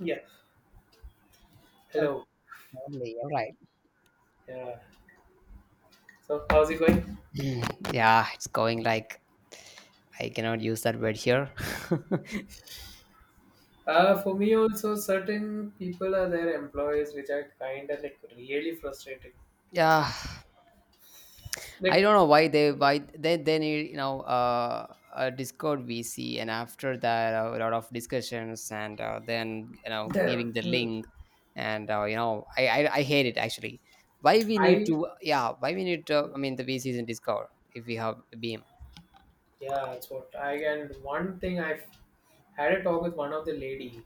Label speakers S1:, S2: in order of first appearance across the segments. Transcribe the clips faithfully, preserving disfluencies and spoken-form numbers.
S1: Yeah.
S2: Okay,
S1: Hello.
S2: only, all right.
S1: Yeah. So how's it going?
S2: Mm, yeah, it's going like I cannot use that word here.
S1: Uh, for me also, certain people are their employees which are kind of like really frustrating.
S2: Yeah, I
S1: Like,
S2: don't know why they why they they need you know uh, a Discord V C, and after that a lot of discussions, and uh, then you know
S1: the,
S2: giving the
S1: hmm,
S2: link, and uh, you know I, I I hate it actually. Why we need
S1: I
S2: to yeah why we need to I mean the V Cs in Discord if we have Beam.
S1: yeah, that's what I and one thing I've had a talk with one of the lady.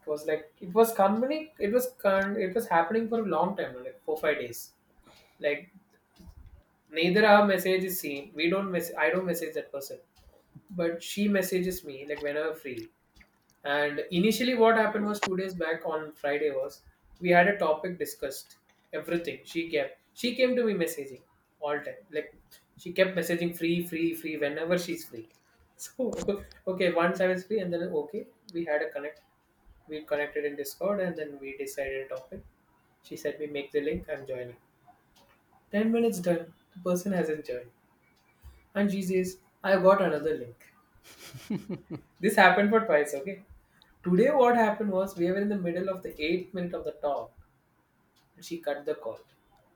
S1: It was like it was company. It was con- it was happening for a long time, like four five days. Like neither our message is seen. We don't mess. I don't message that person, but she messages me like whenever free. And initially, what happened was two days back on Friday was we had a topic discussed. Everything she kept, she came to me messaging all time. Like she kept messaging free, free, free whenever she's free. So okay, once I was free, and then okay, we had a connect. We connected in Discord, and then we decided a topic. She said, "We make the link. I'm joining." Ten minutes done. The person hasn't joined, and she says, "I got another link." This happened for twice. Okay. Today, what happened was we were in the middle of the eighth minute of the talk, and she cut the call.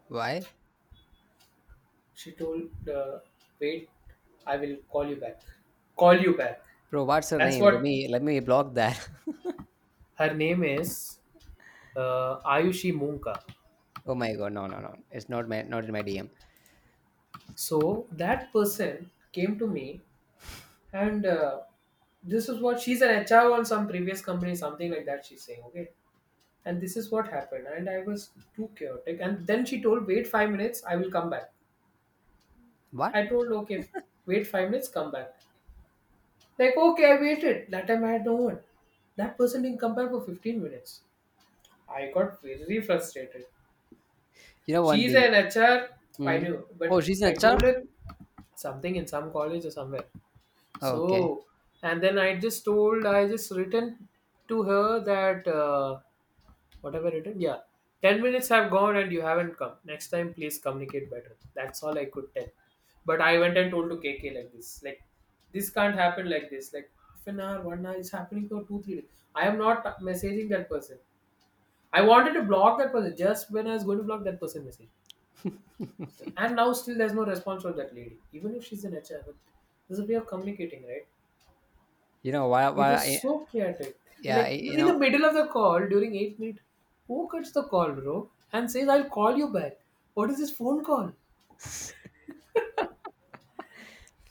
S2: Why?
S1: She told, uh, "Wait, I will call you back. Call you back."
S2: Bro, what's her
S1: That's
S2: name? Let
S1: what
S2: me let me block that.
S1: her name is, uh, Ayushi Munka.
S2: Oh my god, no, no, no. It's not my not in my D M.
S1: So that person came to me, and uh, this is what she's an H R on some previous company, something like that. She's saying, "Okay." And this is what happened, and I was too chaotic. And then she told, "Wait five minutes, I will come back."
S2: What?
S1: I told, "Okay, wait five minutes, come back." Like, okay, I waited. That time I had no one. That person didn't come back for fifteen minutes. I got very frustrated.
S2: You know one
S1: She's
S2: thing.
S1: an H R, I
S2: Mm.
S1: knew,
S2: Oh,
S1: but
S2: she's an
S1: I
S2: H R.
S1: told her something in some college or somewhere.
S2: Okay.
S1: So, and then I just told, I just written to her that uh, whatever written, yeah. ten minutes have gone and you haven't come. Next time, please communicate better. That's all I could tell. But I went and told to K K like this. Like, this can't happen like this. Like, half an hour, one hour, it's happening for two, three days. I am not messaging that person. I wanted to block that person just when I was going to block that person message. And now still there's no response from that lady. Even if she's an H R, but there's a way of communicating, right?
S2: You know why?
S1: It
S2: Why?
S1: was
S2: I,
S1: so chaotic.
S2: yeah.
S1: Like
S2: I,
S1: you
S2: you
S1: in the
S2: know.
S1: middle of the call during eight minute, who cuts the call, bro, and says I'll call you back? What is this phone call?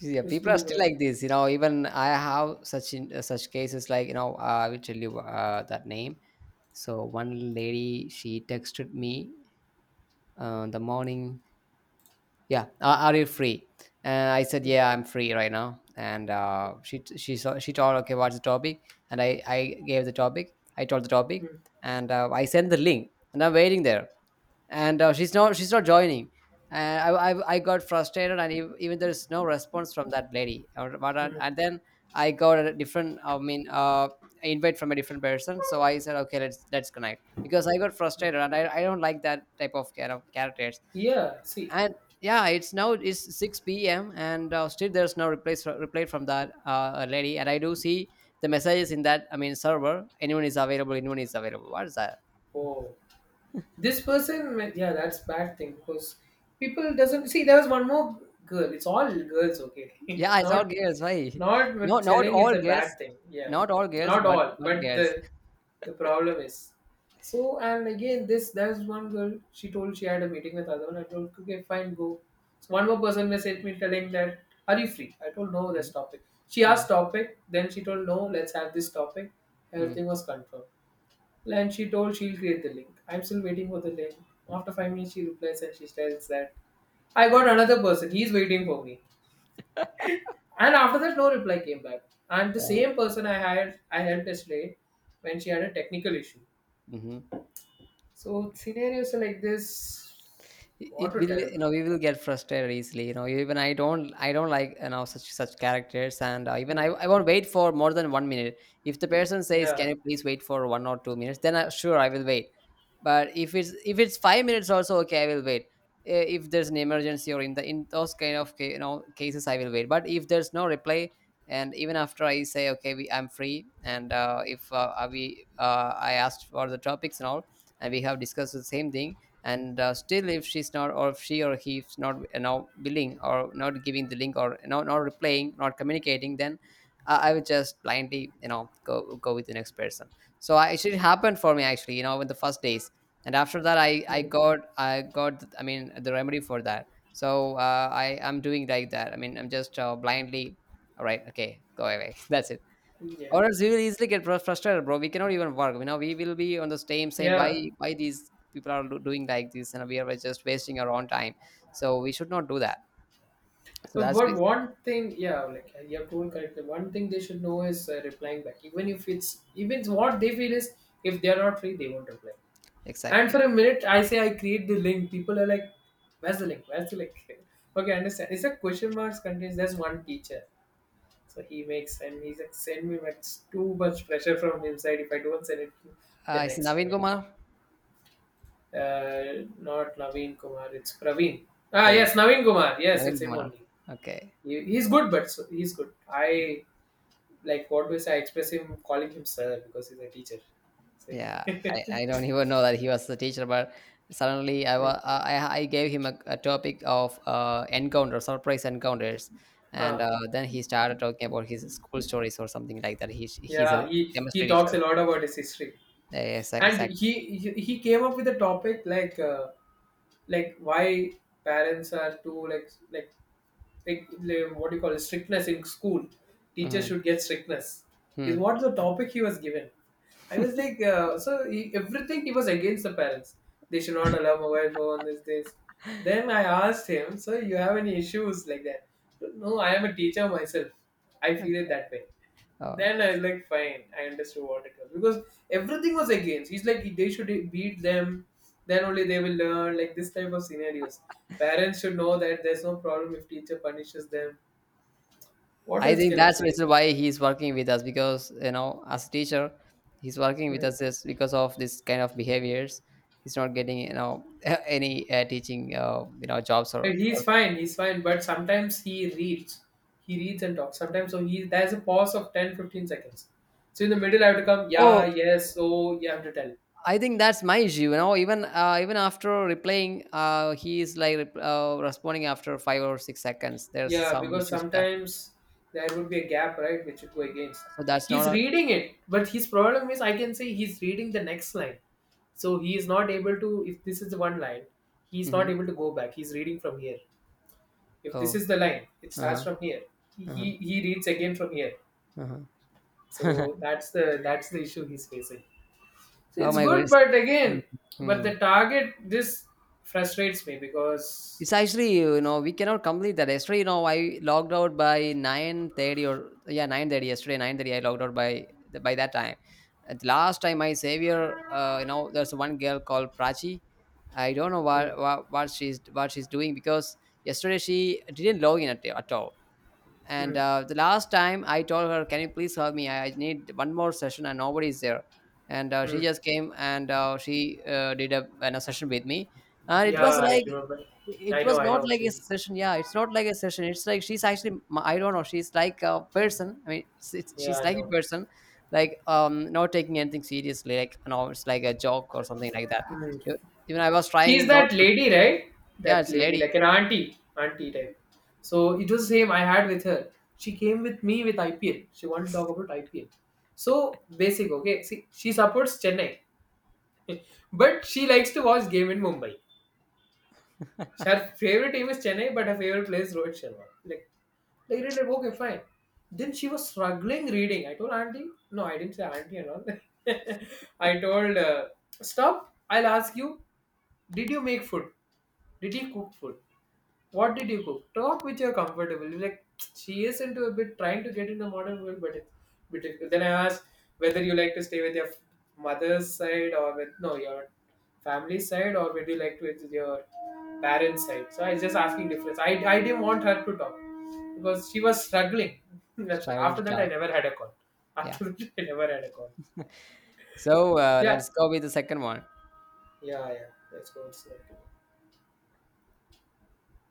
S2: Yeah,
S1: Just
S2: people are
S1: two,
S2: still
S1: right?
S2: like this. You know, even I have such in, uh, such cases. Like, you know, uh, I will tell you uh, that name. So one lady, she texted me uh, the morning. Yeah, are, are you free? And I said,
S1: Mm,
S2: yeah, I'm free right now. And uh, she she saw, she told, okay, what's the topic? And I I gave the topic. I told the topic,
S1: mm,
S2: and uh, I sent the link. And I'm waiting there and uh, she's not she's not joining, and I, I i got frustrated. And ev- even there is no response from that lady, or what I-
S1: mm.
S2: and then I got a different, I mean, uh invite from a different person. So I said, okay, let's let's connect because I got frustrated, and i, I don't like that type of kind of characters.
S1: Yeah. See.
S2: And yeah, it's now it's six p m, and uh, still there's no reply reply from that uh lady. And I do see the messages in that, I mean, server. Anyone is available, anyone is available, what is that?
S1: Oh. This person might- yeah, that's bad thing because people doesn't see. There was one more girl. It's all girls, okay.
S2: Yeah, I saw
S1: not
S2: girls. Why?
S1: not with
S2: No, not
S1: selling,
S2: all
S1: it's a bad
S2: girls.
S1: thing, yeah.
S2: Not all girls,
S1: Not
S2: but
S1: all,
S2: but
S1: but the
S2: girls.
S1: the problem is, so and again, this, there's one girl. She told she had a meeting with other one. I told, okay, fine, go. So one more person messaged me telling that, are you free? I told, no, this
S2: Mm,
S1: topic. She
S2: mm,
S1: asked topic, then she told, no, let's have this topic.
S2: mm.
S1: Everything was confirmed, and she told she'll create the link. I'm still waiting for the link. After five minutes, she replies and she tells that I got another person. He's waiting for me. And after that, no reply came back. And the
S2: Uh,
S1: same person I hired, I helped yesterday when she had a technical issue.
S2: mhm.
S1: So scenarios are like this,
S2: it it
S1: what to
S2: will
S1: tell,
S2: you
S1: bro?
S2: know we will get frustrated easily. You know even i don't i don't like, you know such such characters. And uh, even
S1: Hmm.
S2: I, I won't wait for more than one minute. If the person says,
S1: Yeah.
S2: can you please wait for one or two minutes, then I, sure, I will wait. But if it's if it's five minutes also, okay, I will wait. I- if there's an emergency or in the in those kind of ca- you know cases, I will wait. But if there's no reply, and even after I say, okay, we, I'm free, and uh, if uh, we uh, I asked for the topics and all, and we have discussed the same thing, and uh, still, if she's not, or if she or he's not, you know willing, or not giving the link, or you know, not replying, not communicating, then uh, I would just blindly, you know go go with the next person. So I, it happened for me, actually, you know in the first days. And after that i i
S1: Hmm.
S2: got i got I mean, the remedy for that. So uh, i i'm doing like that. I mean, I'm just uh, blindly, all right, okay, go away. That's it.
S1: Yeah.
S2: Or else we will easily get frus- frustrated, bro. We cannot even work. You know, we will be on the same same. Why
S1: Yeah.
S2: why these people are do- doing like this, and we are just wasting our own time. So we should not do that. So
S1: But
S2: that's the
S1: what
S2: reason.
S1: one thing, yeah, like you have told correctly. One thing they should know is uh, replying back, even if it's even what they feel is, if they are not free, they won't reply. And for
S2: Exactly.
S1: a minute, I say I create the link. People are like, "Where's the link? Where's the link?" okay, I understand. It's a question marks contains. There's one teacher, so he makes and he's like, "Send me." But it's too much pressure from his side. If I don't send it to
S2: Uh,
S1: the
S2: it's
S1: next
S2: Naveen
S1: minute,
S2: Kumar,
S1: uh, not Naveen Kumar. It's Praveen. Ah,
S2: Praveen.
S1: yes, Naveen Kumar. Yes,
S2: Naveen
S1: it's him
S2: Kumar.
S1: only.
S2: Okay.
S1: He, he's good, but so, he's good. I like, what do I say? I express him calling him sir because he's a teacher. So,
S2: Yeah, I, I don't even know that he was the teacher, but suddenly I
S1: hmm.
S2: was I, I gave him a, a topic of uh, encounter, surprise encounters, and
S1: Huh.
S2: uh, then he started talking about his school stories or something like that. He he's a
S1: Yeah, he
S2: chemistry
S1: he talks
S2: teacher.
S1: a lot about his history,
S2: Yes,
S1: and he
S2: exactly.
S1: he, he came up with a topic like uh, like why parents are too like like like like, what do you call it, strictness in school. Teachers
S2: Mhm,
S1: should get strictness is
S2: mhm.
S1: what the topic he was given. I was like, uh, so he, everything he was against the parents. They should not allow mobile phone this this. Then I asked him, so you have any issues like that? No, I am a teacher myself. I
S2: Like,
S1: feel it that way.
S2: Uh,
S1: Then I was like, fine, I understood what it was because everything was against. He's like, they should beat them, then only they will learn. Like this type of scenarios, parents should know that there's no problem if teacher punishes them. What
S2: I
S1: else
S2: think
S1: can I
S2: that's the
S1: say?
S2: reason why he's working with us because, you know, as a teacher, he's working with
S1: Hmm.
S2: us just because of this kind of behaviors. He's not getting, you know any uh, teaching, uh, you know jobs or,
S1: Like,
S2: or
S1: he's fine, he's fine, but sometimes he reads, he reads and talks. Sometimes so he there's a pause of ten fifteen seconds. So in the middle, I have to come, yeah,
S2: Oh,
S1: yes, so you have to tell.
S2: I think that's my issue. You know, even uh, even after replying, uh, he is like, rep- uh, responding after five or six seconds. There's
S1: Yeah,
S2: some
S1: because
S2: issues that
S1: sometimes there would be a gap, right, which would go against.
S2: so that's not
S1: He's
S2: a...
S1: reading it, but his problem is I can say he's reading the next line. So he is not able to, if this is the one line, he's not
S2: Mhm.
S1: able to go back. He's reading from here. If this
S2: Oh.
S1: is the line, it
S2: Uh
S1: starts
S2: huh,
S1: from here. He,
S2: uh huh,
S1: he, he reads again from here.
S2: uh huh.
S1: So that's the that's the issue he's facing. So
S2: Oh
S1: it's
S2: my
S1: good,
S2: goodness.
S1: but again, but
S2: Mhm.
S1: the target this frustrates me
S2: It's
S1: because.
S2: precisely, you know, we cannot complete that. Yesterday, you know, I logged out by nine thirty, or yeah, nine thirty yesterday. Nine thirty, I logged out by the, by that time. At the last time, my savior, uh, you know, there's one girl called Prachi. I don't know
S1: Hmm,
S2: what, what what she's what she's doing because yesterday she didn't log in at, at all. And
S1: hmm,
S2: uh, the last time I told her, "Can you please help me? I I need one more session, and nobody's there." And uh, she
S1: hmm.
S2: just came and uh, she uh, did a, an, a session with me, and it
S1: Yeah,
S2: was
S1: I
S2: like
S1: remember.
S2: it
S1: I know,
S2: was
S1: I
S2: not
S1: know.
S2: like a
S1: She.
S2: session. Yeah, it's not like a session. It's like she's actually, I don't know. She's like a person. I mean, it's, it's,
S1: Yeah,
S2: she's
S1: I
S2: like a
S1: know.
S2: person, like, um, not taking anything seriously. Like, you know, it's like a joke or something like that.
S1: Hmm.
S2: E- Even I was
S1: She's
S2: trying not
S1: that
S2: to.
S1: lady, right?
S2: Yeah,
S1: That
S2: it's a
S1: lady,
S2: lady.
S1: like an auntie, auntie type. So it was the same I had with her. She came with me with I P L. She wanted to talk about I P L. So basic, okay. See, she supports Chennai, but she likes to watch game in Mumbai. So her favorite team is Chennai, but her favorite player is Rohit Sharma. Like, like, really, like, okay, fine. Then she was struggling reading. I told auntie, no, I didn't say auntie and all. I told, uh, stop. I'll ask you, did you make food? Did he cook food? What did you cook? Talk which you're comfortable. You're like she is into a bit trying to get in the modern world, but it's bit difficult. Then I asked whether you like to stay with your mother's side or with no your family side or would you like to with your parents' side. So I was just asking difference. I I didn't want her to talk because she was struggling. That's what.
S2: Striving to
S1: After that, I
S2: talk.
S1: never had a call.
S2: Yeah.
S1: After that, I never had a call.
S2: So uh,
S1: Yeah,
S2: let's go with the second one.
S1: yeah, yeah. Let's go. It's like-